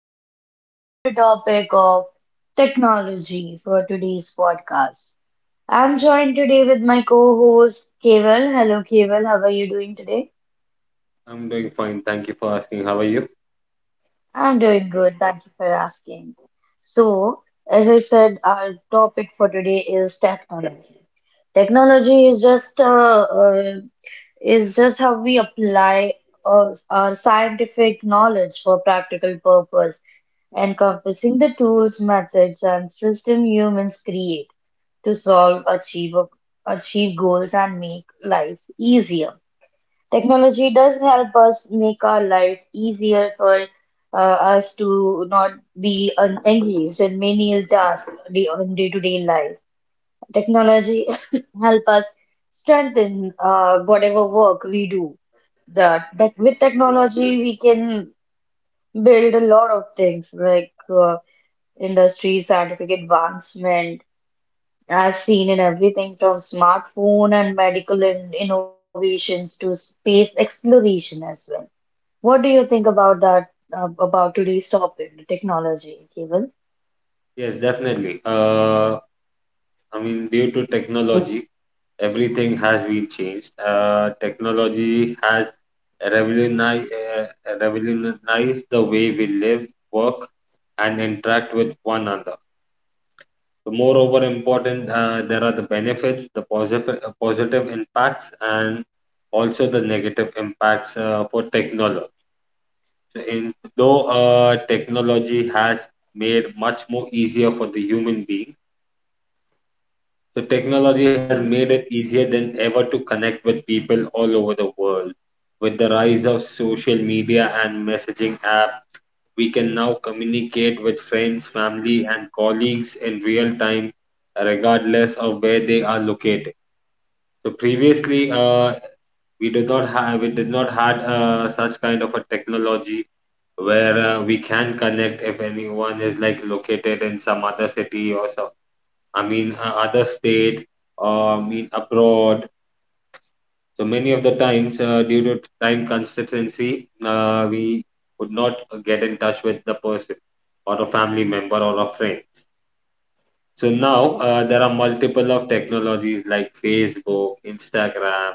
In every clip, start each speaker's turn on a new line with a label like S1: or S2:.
S1: Komal bringing you the topic of technology for today's podcast. I'm joined today with my co-host Keval. Hello Keval, how are you doing today?
S2: I'm doing fine. Thank you for asking. How are you?
S1: I'm doing good, thank you for asking. So, as I said, our topic for today is technology. Technology is just how we apply our scientific knowledge for practical purpose, encompassing the tools, methods, and system humans create to solve, achieve goals, and make life easier. Technology does help us make our life easier for uh, us to not be engaged in menial tasks on day-to-day life. Technology help us strengthen whatever work we do that with technology we can build a lot of things like industry, scientific advancement, as seen in everything from smartphone and medical in innovations to space exploration as well. What do you think about that, about today's topic, the technology, Keval?
S2: Yes, definitely. I mean, due to technology, everything has been changed. Technology has revolutionized, uh, revolutionized the way we live, work, and interact with one another. So moreover, important, there are the benefits, the positive impacts, and also the negative impacts for technology. In, though technology has made much more easier for the human being, so technology has made it easier than ever to connect with people all over the world. With the rise of social media and messaging app, we can now communicate with friends, family, and colleagues in real time, regardless of where they are located. So previously, we did not had such kind of a technology where we can connect if anyone is like located in some other city or some other state or I mean abroad, so many of the times due to time constituency, we could not get in touch with the person or a family member or a friend. So now, there are multiple of technologies like Facebook, Instagram,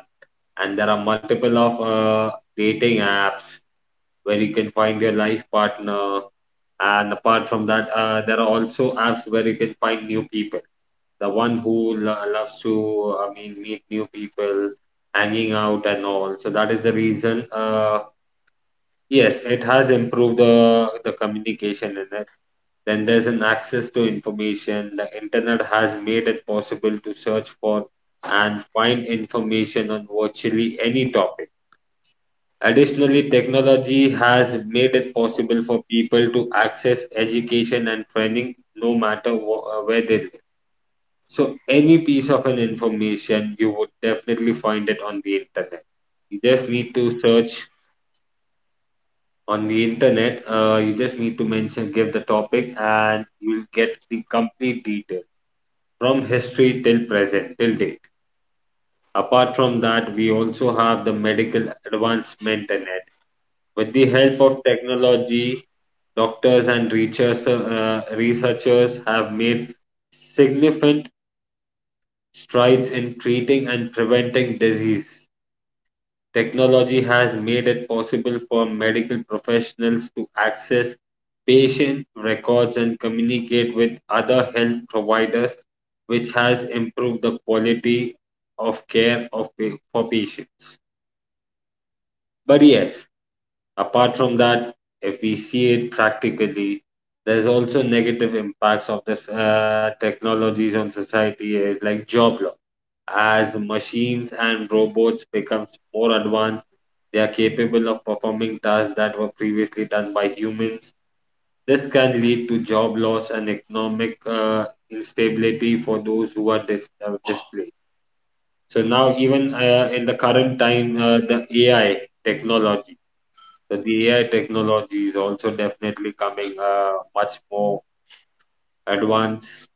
S2: and there are multiple of dating apps where you can find your life partner. And apart from that, there are also apps where you can find new people. The one who loves to, I mean, meet new people, hanging out and all. So that is the reason. Yes, it has improved the communication in it. Then there's an access to information. The internet has made it possible to search for and find information on virtually any topic. Additionally, technology has made it possible for people to access education and training no matter where they live. So, any piece of an information, you would definitely find it on the internet. You just need to search on the internet. You just need to mention, give the topic, and you'll get the complete detail from history till present, till date. Apart from that, we also have the medical advancement and with the help of technology, researchers have made significant strides in treating and preventing disease. Technology has made it possible for medical professionals to access patient records and communicate with other health providers, which has improved the quality of care for patients. But yes, apart from that, if we see it practically, there's also negative impacts of this technologies on society is like job loss. As machines and robots becomes more advanced, they are capable of performing tasks that were previously done by humans. This can lead to job loss and economic instability for those who are displaced. So now, even in the current time, the AI technology, that the AI technology is also definitely coming much more advanced.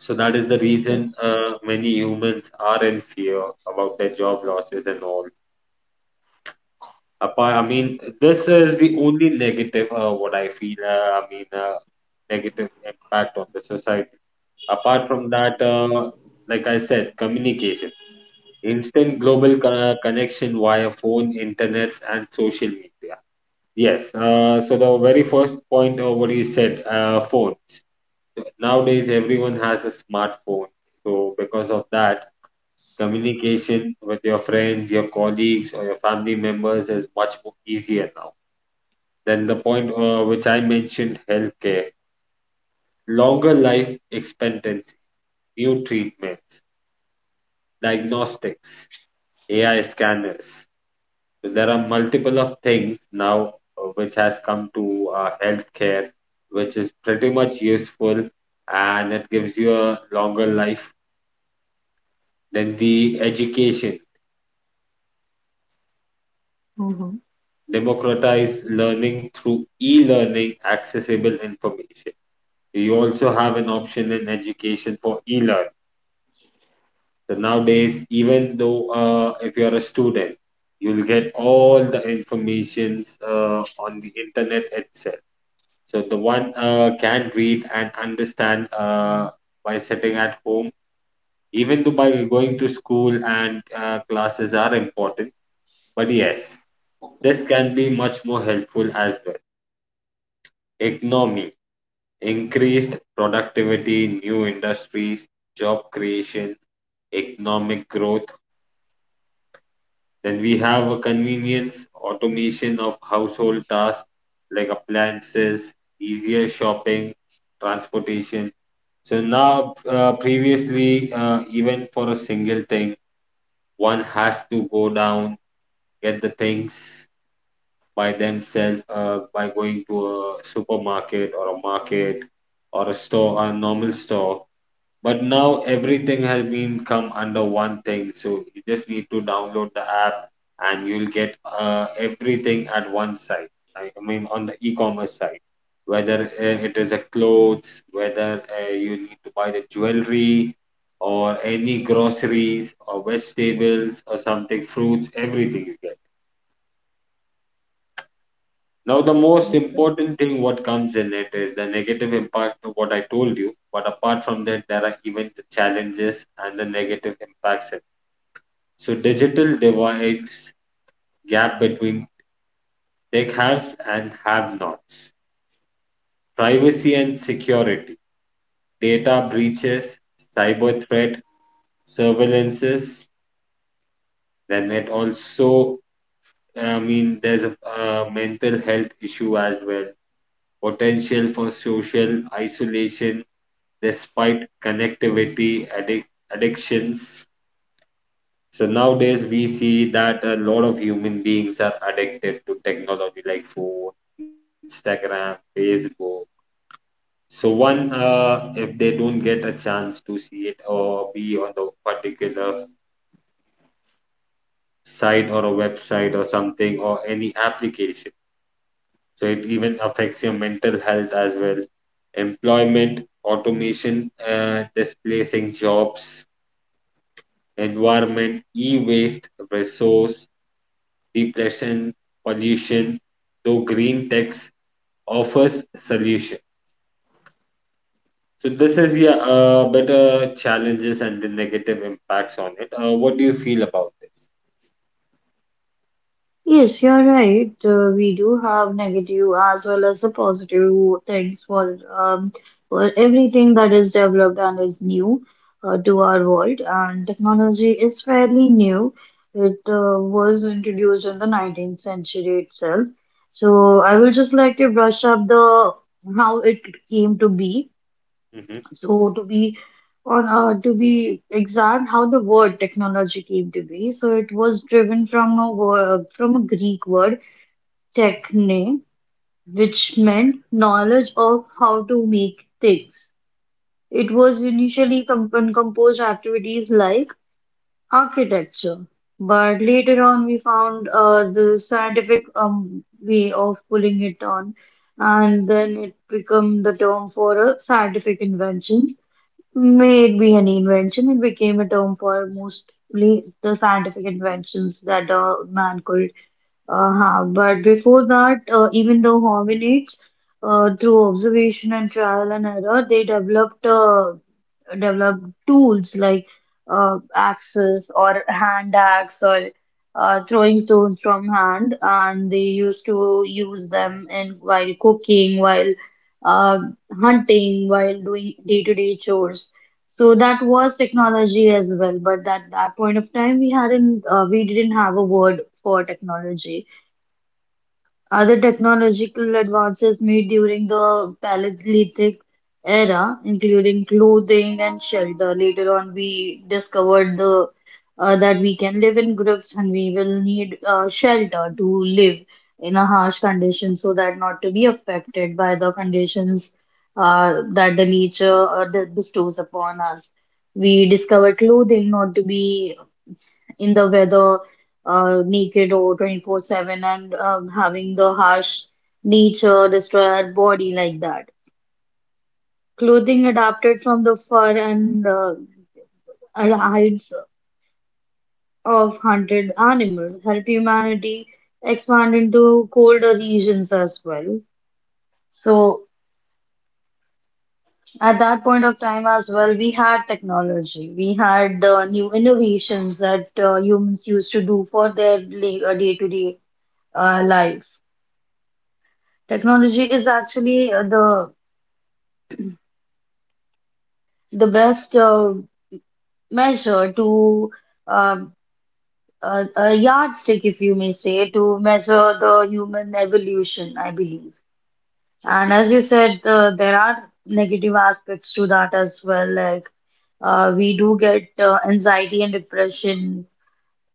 S2: So that is the reason many humans are in fear about their job losses and all. Apart, I mean, this is the only negative what I feel. I mean, negative impact on the society. Apart from that, like I said, communication, instant global connection via phone, internets, and social media. Yes, so the very first point of what you said, phone. Nowadays, everyone has a smartphone. So, because of that, communication with your friends, your colleagues, or your family members is much more easier now. Then the point which I mentioned, healthcare, longer life expectancy, new treatments, diagnostics, AI scanners. So, there are multiple of things now which has come to healthcare, which is pretty much useful and it gives you a longer life. Then the education,
S1: Mhm.
S2: democratize learning through e-learning, accessible information. So, you also have an option in education for e-learn. So nowadays, even though if you are a student, you'll get all the informations on the internet itself. So the one can read and understand by sitting at home, even though by going to school and classes are important. But yes, this can be much more helpful as well. Economy, increased productivity, new industries, job creation, economic growth. Then we have a convenience, automation of household tasks like appliances, easier shopping, transportation. So now, previously, even for a single thing, one has to go down, get the things by themselves by going to a supermarket or a market or a store, a normal store. But now everything has been come under one thing. So you just need to download the app and you'll get everything at one site. I mean, on the e-commerce side, whether it is a clothes, whether you need to buy the jewelry or any groceries or vegetables or something, fruits, everything. You get. Now, the most important thing what comes in it is the negative impact of what I told you. But apart from that, there are even the challenges and the negative impacts. So, digital divides, gap between tech haves and have nots, privacy and security, data breaches, cyber threat, surveillances. Then it also, I mean, there's a mental health issue as well, potential for social isolation despite connectivity addictions. So nowadays we see that a lot of human beings are addicted to technology like phone, Instagram, Facebook. So one, if they don't get a chance to see it or be on a particular site or a website or something or any application, so it even affects your mental health as well. Employment, automation, displacing jobs, environment, e-waste, resource depletion, pollution, though green techs offers solution. So this is yeah, better challenges and the negative impacts on it. What do you feel about this?
S1: Yes, you're right. We do have negative as well as the positive things for for everything that is developed and is new to our world. And technology is fairly new. It was introduced in the 19th century itself. So I will just like to brush up the how it came to be.
S2: Hmm.
S1: So to be exact, how the word technology came to be. So it was driven from a word, from a Greek word techne, which meant knowledge of how to make things. It was initially composed activities like architecture, but later on we found the scientific way of pulling it on, and then it became the term for a scientific invention. May it be an invention, it became a term for mostly the scientific inventions that man could have. But before that, even though hominids, through observation and trial and error, they developed develop tools like axes or hand axe or throwing stones from hand, and they used to use them in while cooking, while uh, hunting, while doing day-to-day chores. So that was technology as well, but at that point of time, we didn't have a word for technology. Other technological advances made during the Paleolithic era, including clothing and shelter. Later on, we discovered the that we can live in groups and we will need shelter to live in a harsh condition so that not to be affected by the conditions that the nature that bestows upon us. We discovered clothing not to be in the weather, naked or 24/7, and having the harsh nature destroy our body like that. Clothing adapted from the fur and hides of hunted animals help humanity expand into colder regions as well. So at that point of time as well, we had technology. We had new innovations that humans used to do for their day-to-day life. Technology is actually the best measure to uh, a yardstick, if you may say, to measure the human evolution, I believe. And as you said, there are negative aspects to that as well. Like we do get anxiety and depression.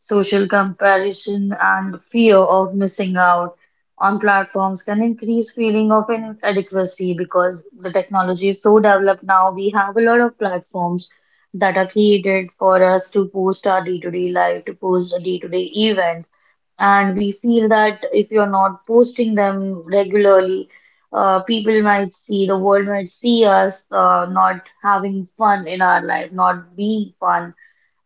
S1: Social comparison and fear of missing out on platforms can increase feeling of inadequacy because the technology is so developed now. We have a lot of platforms that are created for us to post our day-to-day life, to post our day-to-day events. And we feel that if you're not posting them regularly, people might see, the world might see us not having fun in our life, not being fun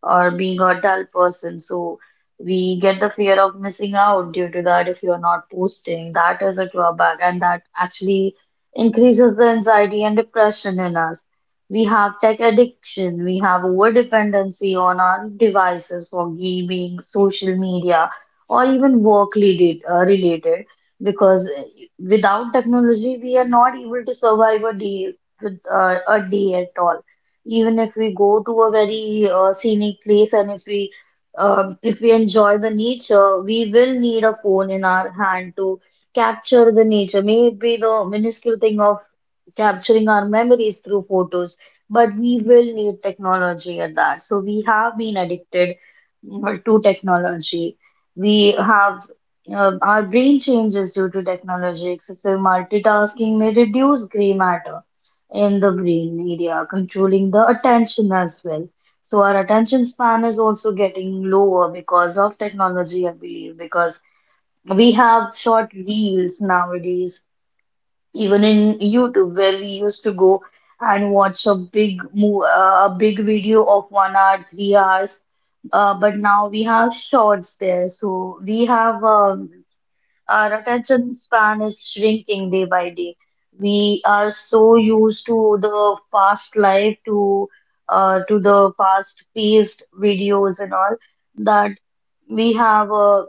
S1: or being a dull person. So we get the fear of missing out due to that if you're not posting. That is a drawback, and that actually increases the anxiety and depression in us. We have tech addiction, we have over dependency on our devices for gaming, social media, or even work related because without technology, we are not able to survive a day at all. Even if we go to a very scenic place and if we enjoy the nature, we will need a phone in our hand to capture the nature. Maybe the minuscule thing of capturing our memories through photos, but we will need technology at that. So we have been addicted to technology. We have our brain changes due to technology. Excessive multitasking may reduce gray matter, in the brain area, controlling the attention as well. So our attention span is also getting lower because of technology, I believe, because we have short reels nowadays, even in YouTube, where we used to go and watch a big video of 1 hour, 3 hours. But now we have shorts there, so we have our attention span is shrinking day by day. We are so used to the fast life, to the fast-paced videos and all that we have a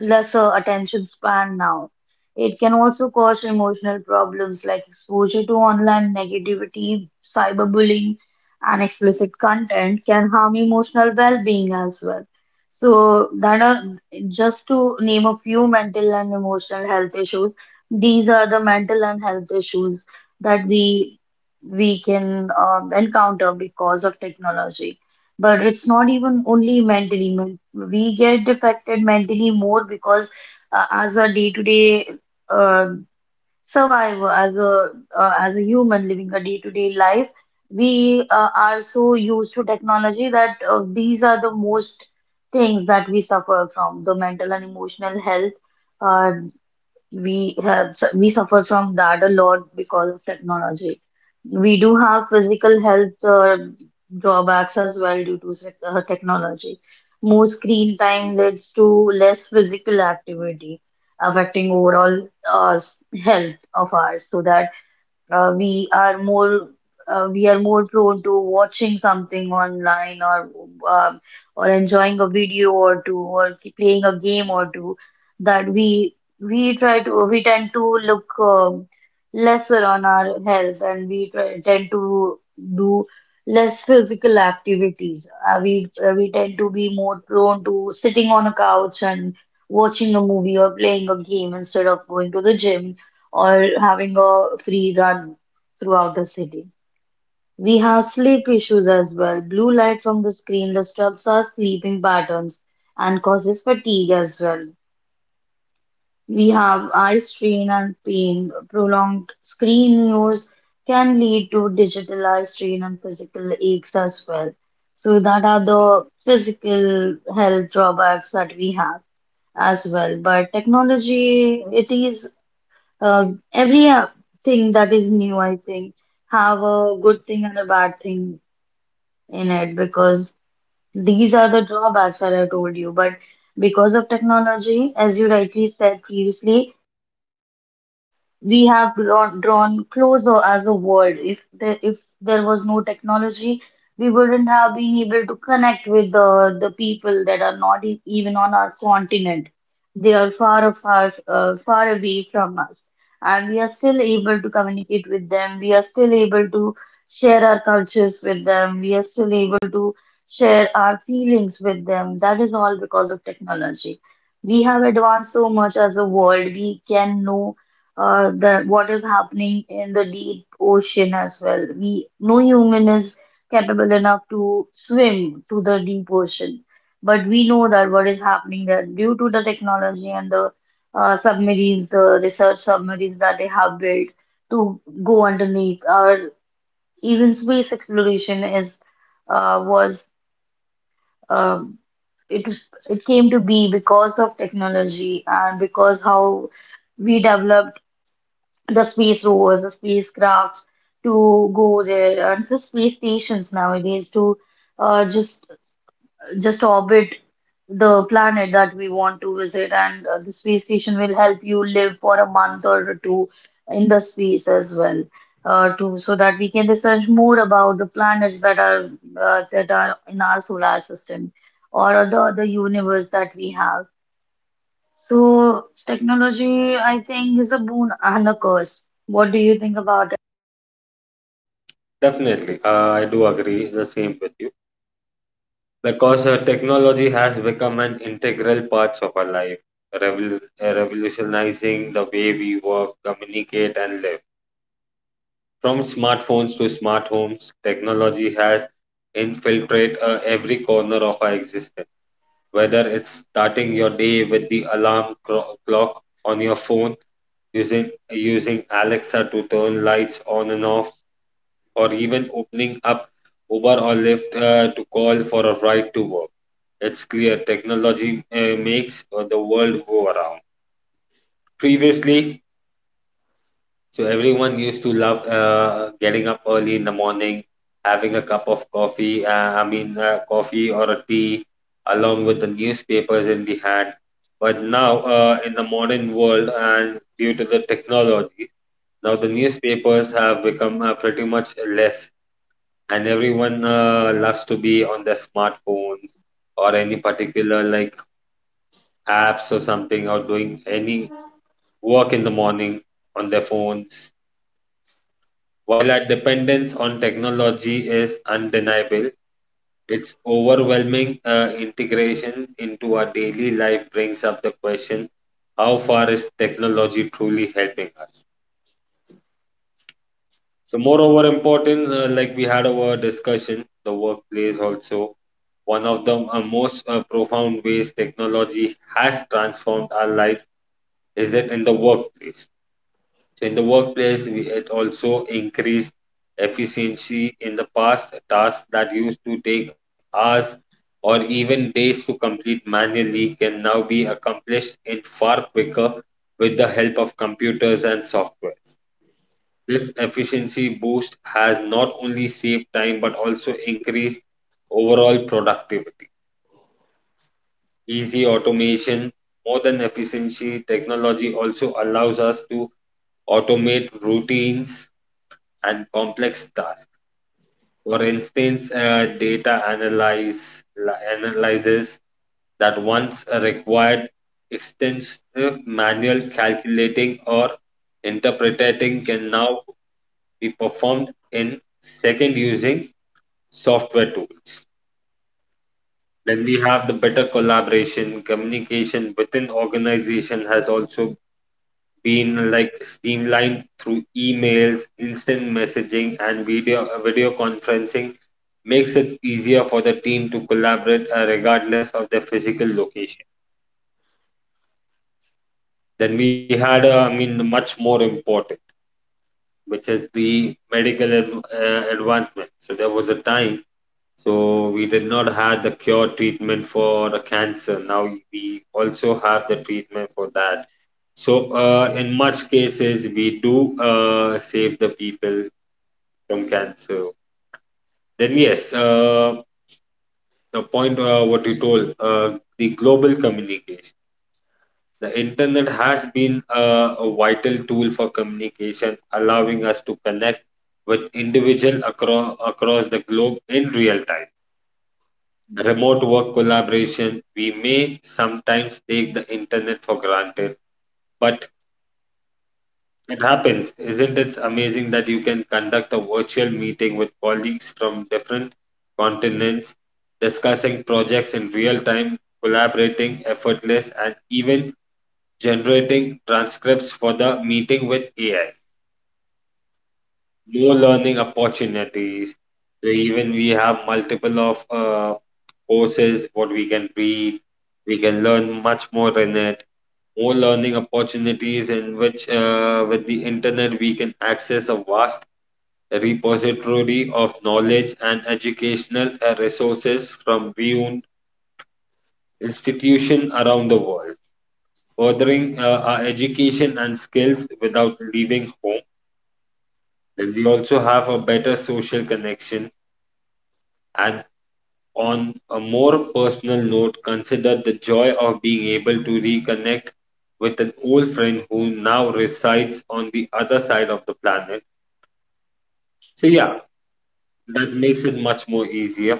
S1: lesser attention span now. It can also cause emotional problems like exposure to online negativity, cyberbullying, and explicit content can harm emotional well-being as well. So that are just to name a few mental and emotional health issues. These are the mental and health issues that we can encounter because of technology. But it's not even only mentally. We get affected mentally more because as a day-to-day uh, survivor, as a human living a day-to-day life, we are so used to technology that these are the most things that we suffer from, the mental and emotional health. Uh, we suffer from that a lot because of technology. We do have physical health drawbacks as well due to technology. More screen time leads to less physical activity, affecting overall health of ours. So that we are more prone to watching something online or um, or enjoying a video or two or playing a game or two that we tend to look lesser on our health and we tend to do less physical activities. We tend to be more prone to sitting on a couch and watching a movie or playing a game instead of going to the gym or having a free run throughout the city. We have sleep issues as well. Blue light from the screen disturbs our sleeping patterns and causes fatigue as well. We have eye strain and pain. Prolonged screen use can lead to digital eye strain and physical aches as well. So that are the physical health drawbacks that we have as well. But technology, it is uh, every thing that is new, I think, have a good thing and a bad thing in it because these are the drawbacks that I told you. But because of technology, as you rightly said previously, we have drawn closer as a world. If there was no technology, we wouldn't have been able to connect with the people that are not e even on our continent. They are far, far, far away from us, and we are still able to communicate with them. We are still able to share our cultures with them. We are still able to share our feelings with them. That is all because of technology. We have advanced so much as a world. We can know the what is happening in the deep ocean as well. We No human is capable enough to swim to the deep ocean, but we know that what is happening there due to the technology and the submarines, the research submarines that they have built to go underneath, or even space exploration is was um, it it came to be because of technology and because how we developed the space rovers, the spacecraft to go there, and the space stations nowadays to uh, just just orbit the planet that we want to visit, and the space station will help you live for a month or two in the space as well, to so that we can research more about the planets that are in our solar system or the other universe that we have. So technology, I think, is a boon and a curse. What do you think about it?
S2: Definitely, I do agree the same with you because technology has become an integral part of our life, revolutionizing the way we work, communicate, and live. From smartphones to smart homes, technology has infiltrated every corner of our existence. Whether it's starting your day with the clock on your phone, using Alexa to turn lights on and off, or even opening up Uber or Lyft to call for a ride to work, it's clear technology makes the world go around. Previously, so everyone used to love getting up early in the morning, having a cup of coffee, coffee or a tea, along with the newspapers in the hand. But now, in the modern world, and due to the technology, now the newspapers have become pretty much less, and everyone loves to be on their smartphones or any particular like apps or something, or doing any work in the morning on their phones. While our dependence on technology is undeniable, its overwhelming integration into our daily life brings up the question, how far is technology truly helping us? So, moreover, important, like we had our discussion, the workplace also, one of the most profound ways technology has transformed our lives is it in the workplace. So in the workplace, it also increased efficiency. In the past, tasks that used to take hours or even days to complete manually can now be accomplished in far quicker with the help of computers and softwares. This efficiency boost has not only saved time but also increased overall productivity. Easy automation, more than efficiency, technology also allows us to automate routines and complex tasks. For instance, analyzes that once required extensive manual calculating or interpreting can now be performed in second using software tools. Then we have the better collaboration, communication within organization has also been like streamlined through emails, instant messaging, and video conferencing makes it easier for the team to collaborate regardless of their physical location. Then we had, I mean, much more important, which is the advancement. So there was a time, so we did not have the cure treatment for the cancer. Now we also have the treatment for that. So in much cases, we do save the people. Tonkatsu. Then yes, the point what you told, the global communication. The internet has been a vital tool for communication, allowing us to connect with individuals across the globe in real time. Remote work collaboration, we may sometimes take the internet for granted, but it happens. Isn't it amazing that you can conduct a virtual meeting with colleagues from different continents, discussing projects in real time, collaborating effortless, and even generating transcripts for the meeting with AI? More learning opportunities. So even we have multiple of courses what we can read. We can learn much more in it. More learning opportunities, in which, with the internet, we can access a vast repository of knowledge and educational resources from beyond institution around the world, furthering our education and skills without leaving home. And we also have a better social connection and. On a more personal note, consider the joy of being able to reconnect with an old friend who now resides on the other side of the planet. So, yeah, that makes it much more easier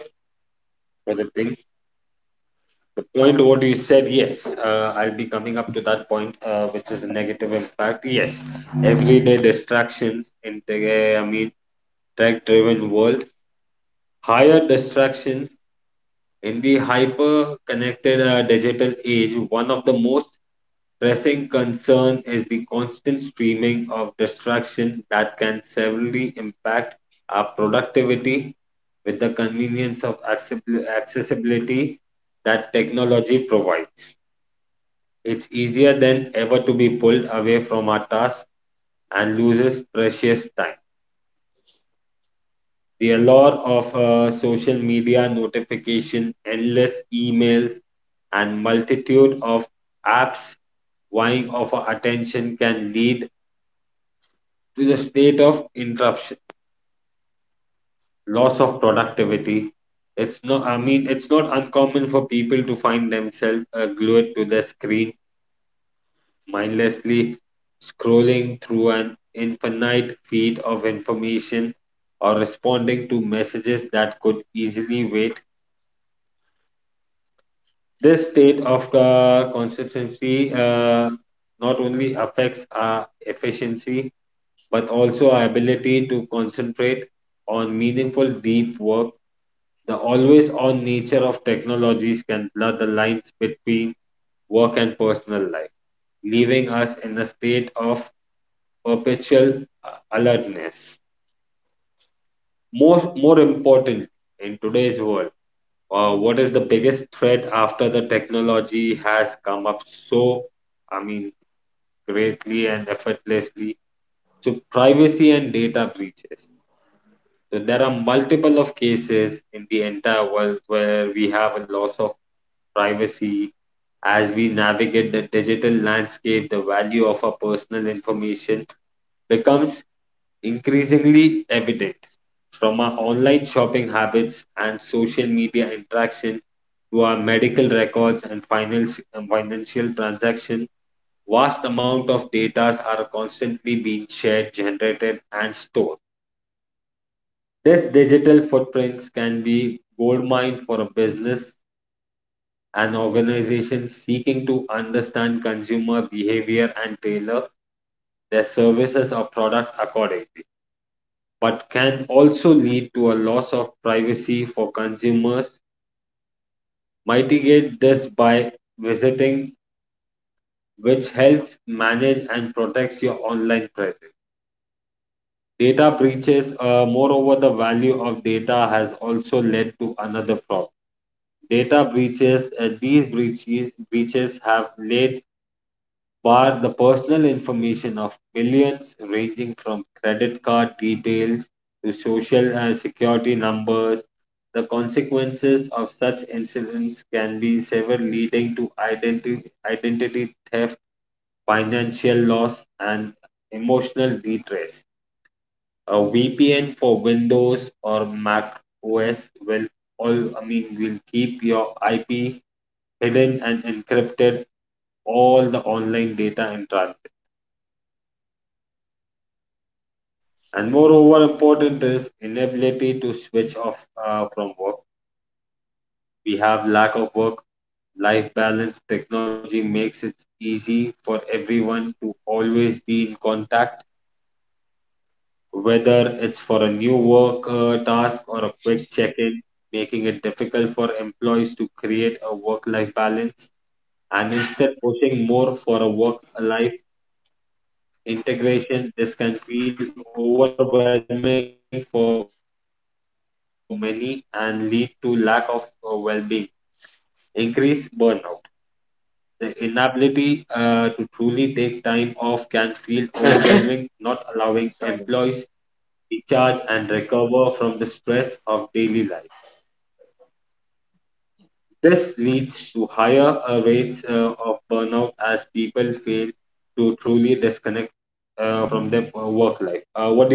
S2: for the thing. The point what you said, yes, I'll be coming up to that point, which is a negative impact. Yes, everyday distractions in the, I mean, tech-driven world, higher distractions in the hyper-connected digital age. One of the most pressing concern is the constant streaming of distraction that can severely impact our productivity with the convenience of accessibility that technology provides. It's easier than ever to be pulled away from our tasks and loses precious time. The allure of social media notification, endless emails, and multitude of apps vying of our attention can lead to the state of interruption, loss of productivity. It's not, I mean, it's not uncommon for people to find themselves glued to the screen, mindlessly scrolling through an infinite feed of information or responding to messages that could easily wait. This state of consistency not only affects our efficiency but also our ability to concentrate on meaningful deep work. The always on nature of technologies can blur the lines between work and personal life, leaving us in a state of perpetual alertness. More important in today's world, what is the biggest threat after the technology has come up so, I mean, greatly and effortlessly? So, privacy and data breaches. So, there are multiple of cases in the entire world where we have a loss of privacy. As we navigate the digital landscape, the value of our personal information becomes increasingly evident. From our online shopping habits and social media interaction to our medical records and financial transactions, vast amount of data are constantly being shared, generated, and stored. This digital footprints can be goldmine for a business, an organization seeking to understand consumer behavior and tailor their services or product accordingly, but can also lead to a loss of privacy for consumers. Mitigate this by visiting, which helps manage and protects your online presence. Data breaches, moreover, the value of data has also led to another problem. Data breaches, these breaches have led. Bar the personal information of millions, ranging from credit card details to social and security numbers. The consequences of such incidents can be severe, leading to identity theft, financial loss, and emotional distress. A VPN for Windows or Mac OS will all, I mean, will keep your IP hidden and encrypted all the online data and transactions. And moreover, important is inability to switch off from work. We have lack of work life balance. Technology makes it easy for everyone to always be in contact, whether it's for a new work task or a quick check in, making it difficult for employees to create a work life balance and instead pushing more for a work life integration. This can feel overwhelming for many and lead to lack of well being, increase burnout. The inability to truly take time off can feel overwhelming, not allowing employees recharge and
S1: Sorry.
S2: recover from the stress of daily life. This leads to higher rates of burnout as people fail to truly disconnect from their work life. What do you think about this?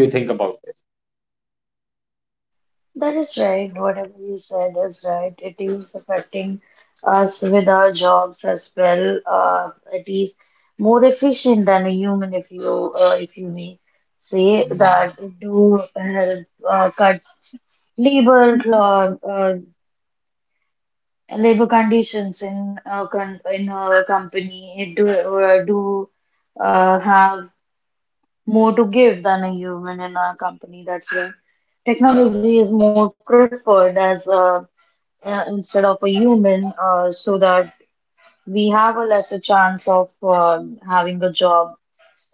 S1: That is right. Whatever you said is right. It is affecting us with our jobs as well. It is more efficient than a human, if you may say that. It do help cut labor labor conditions in a company. It do do have more to give than a human in our company. That's why technology is more preferred instead of a human, so that we have a lesser chance of having a job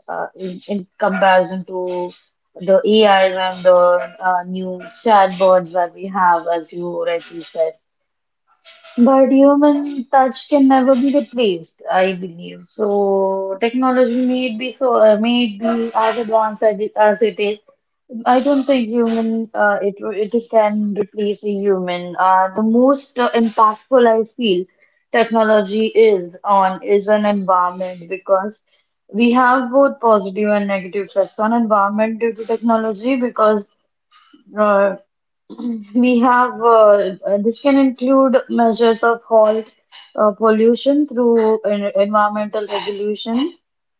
S1: in comparison to the AIs and the new chatbots that we have, as you rightly said. But human touch can never be replaced, I believe. So technology may be as advanced as it is, I don't think human it it can replace a human. The most impactful I feel technology is an environment because we have both positive and negative effects on environment due to technology because uh, we have this can include measures of halt pollution through environmental regulation,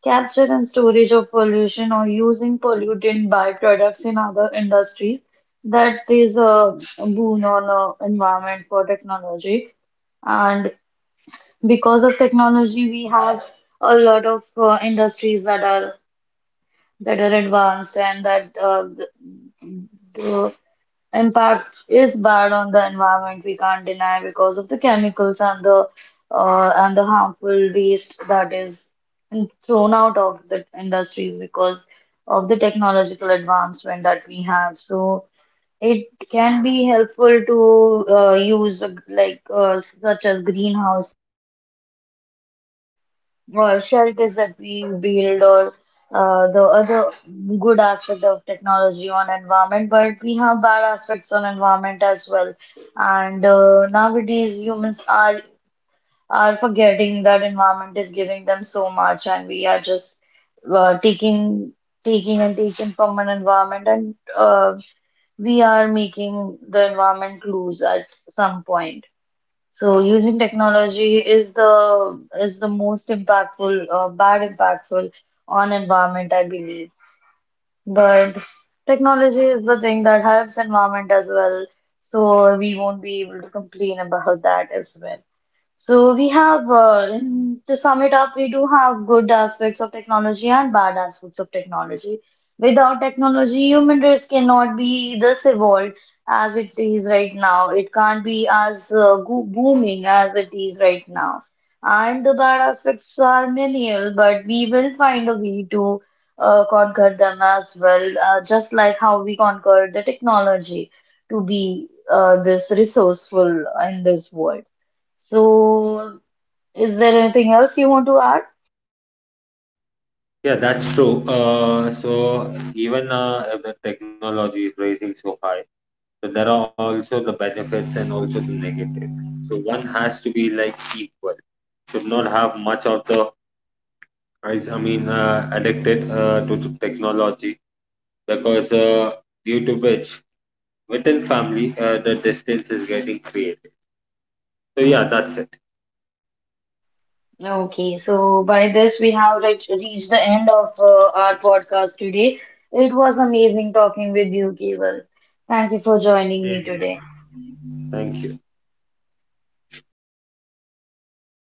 S1: capture and storage of pollution, or using pollutant byproducts in other industries. That is a boon on environment for technology. And because of technology, we have a lot of industries that are advanced and the, impact is bad on the environment, we can't deny because of the chemicals and the harmful waste that is thrown out of the industries because of the technological advancement that we have. So it can be helpful to use like such as greenhouse or shelters that we build or the other good aspect of technology on environment, but we have bad aspects on environment as well. And nowadays humans are forgetting that environment is giving them so much, and we are just taking taking and taking from an environment, and we are making the environment lose at some point. So using technology is the most bad impactful on environment, I believe. But technology is the thing that helps environment as well. So we won't be able to complain about that as well. So to sum it up, we do have good aspects of technology and bad aspects of technology. Without technology, human race cannot be this evolved as it is right now. It can't be as booming as it is right now. And the bad aspects are menial, but we will find a way to conquer them as well, just like how we conquered the technology to be this resourceful in this world. So, is there anything else you want to add?
S2: Yeah, that's true. So even, if the technology is rising so high, so there are also the benefits and also the negative. So one has to be like equal. Should not have much of the, I mean, addicted to the technology, because due to which within family the distance is getting created. So yeah, that's it.
S1: Okay, so by this, we have reached the end of our podcast today. It was amazing talking with you, Keval. Thank you for joining me today.
S2: Thank you.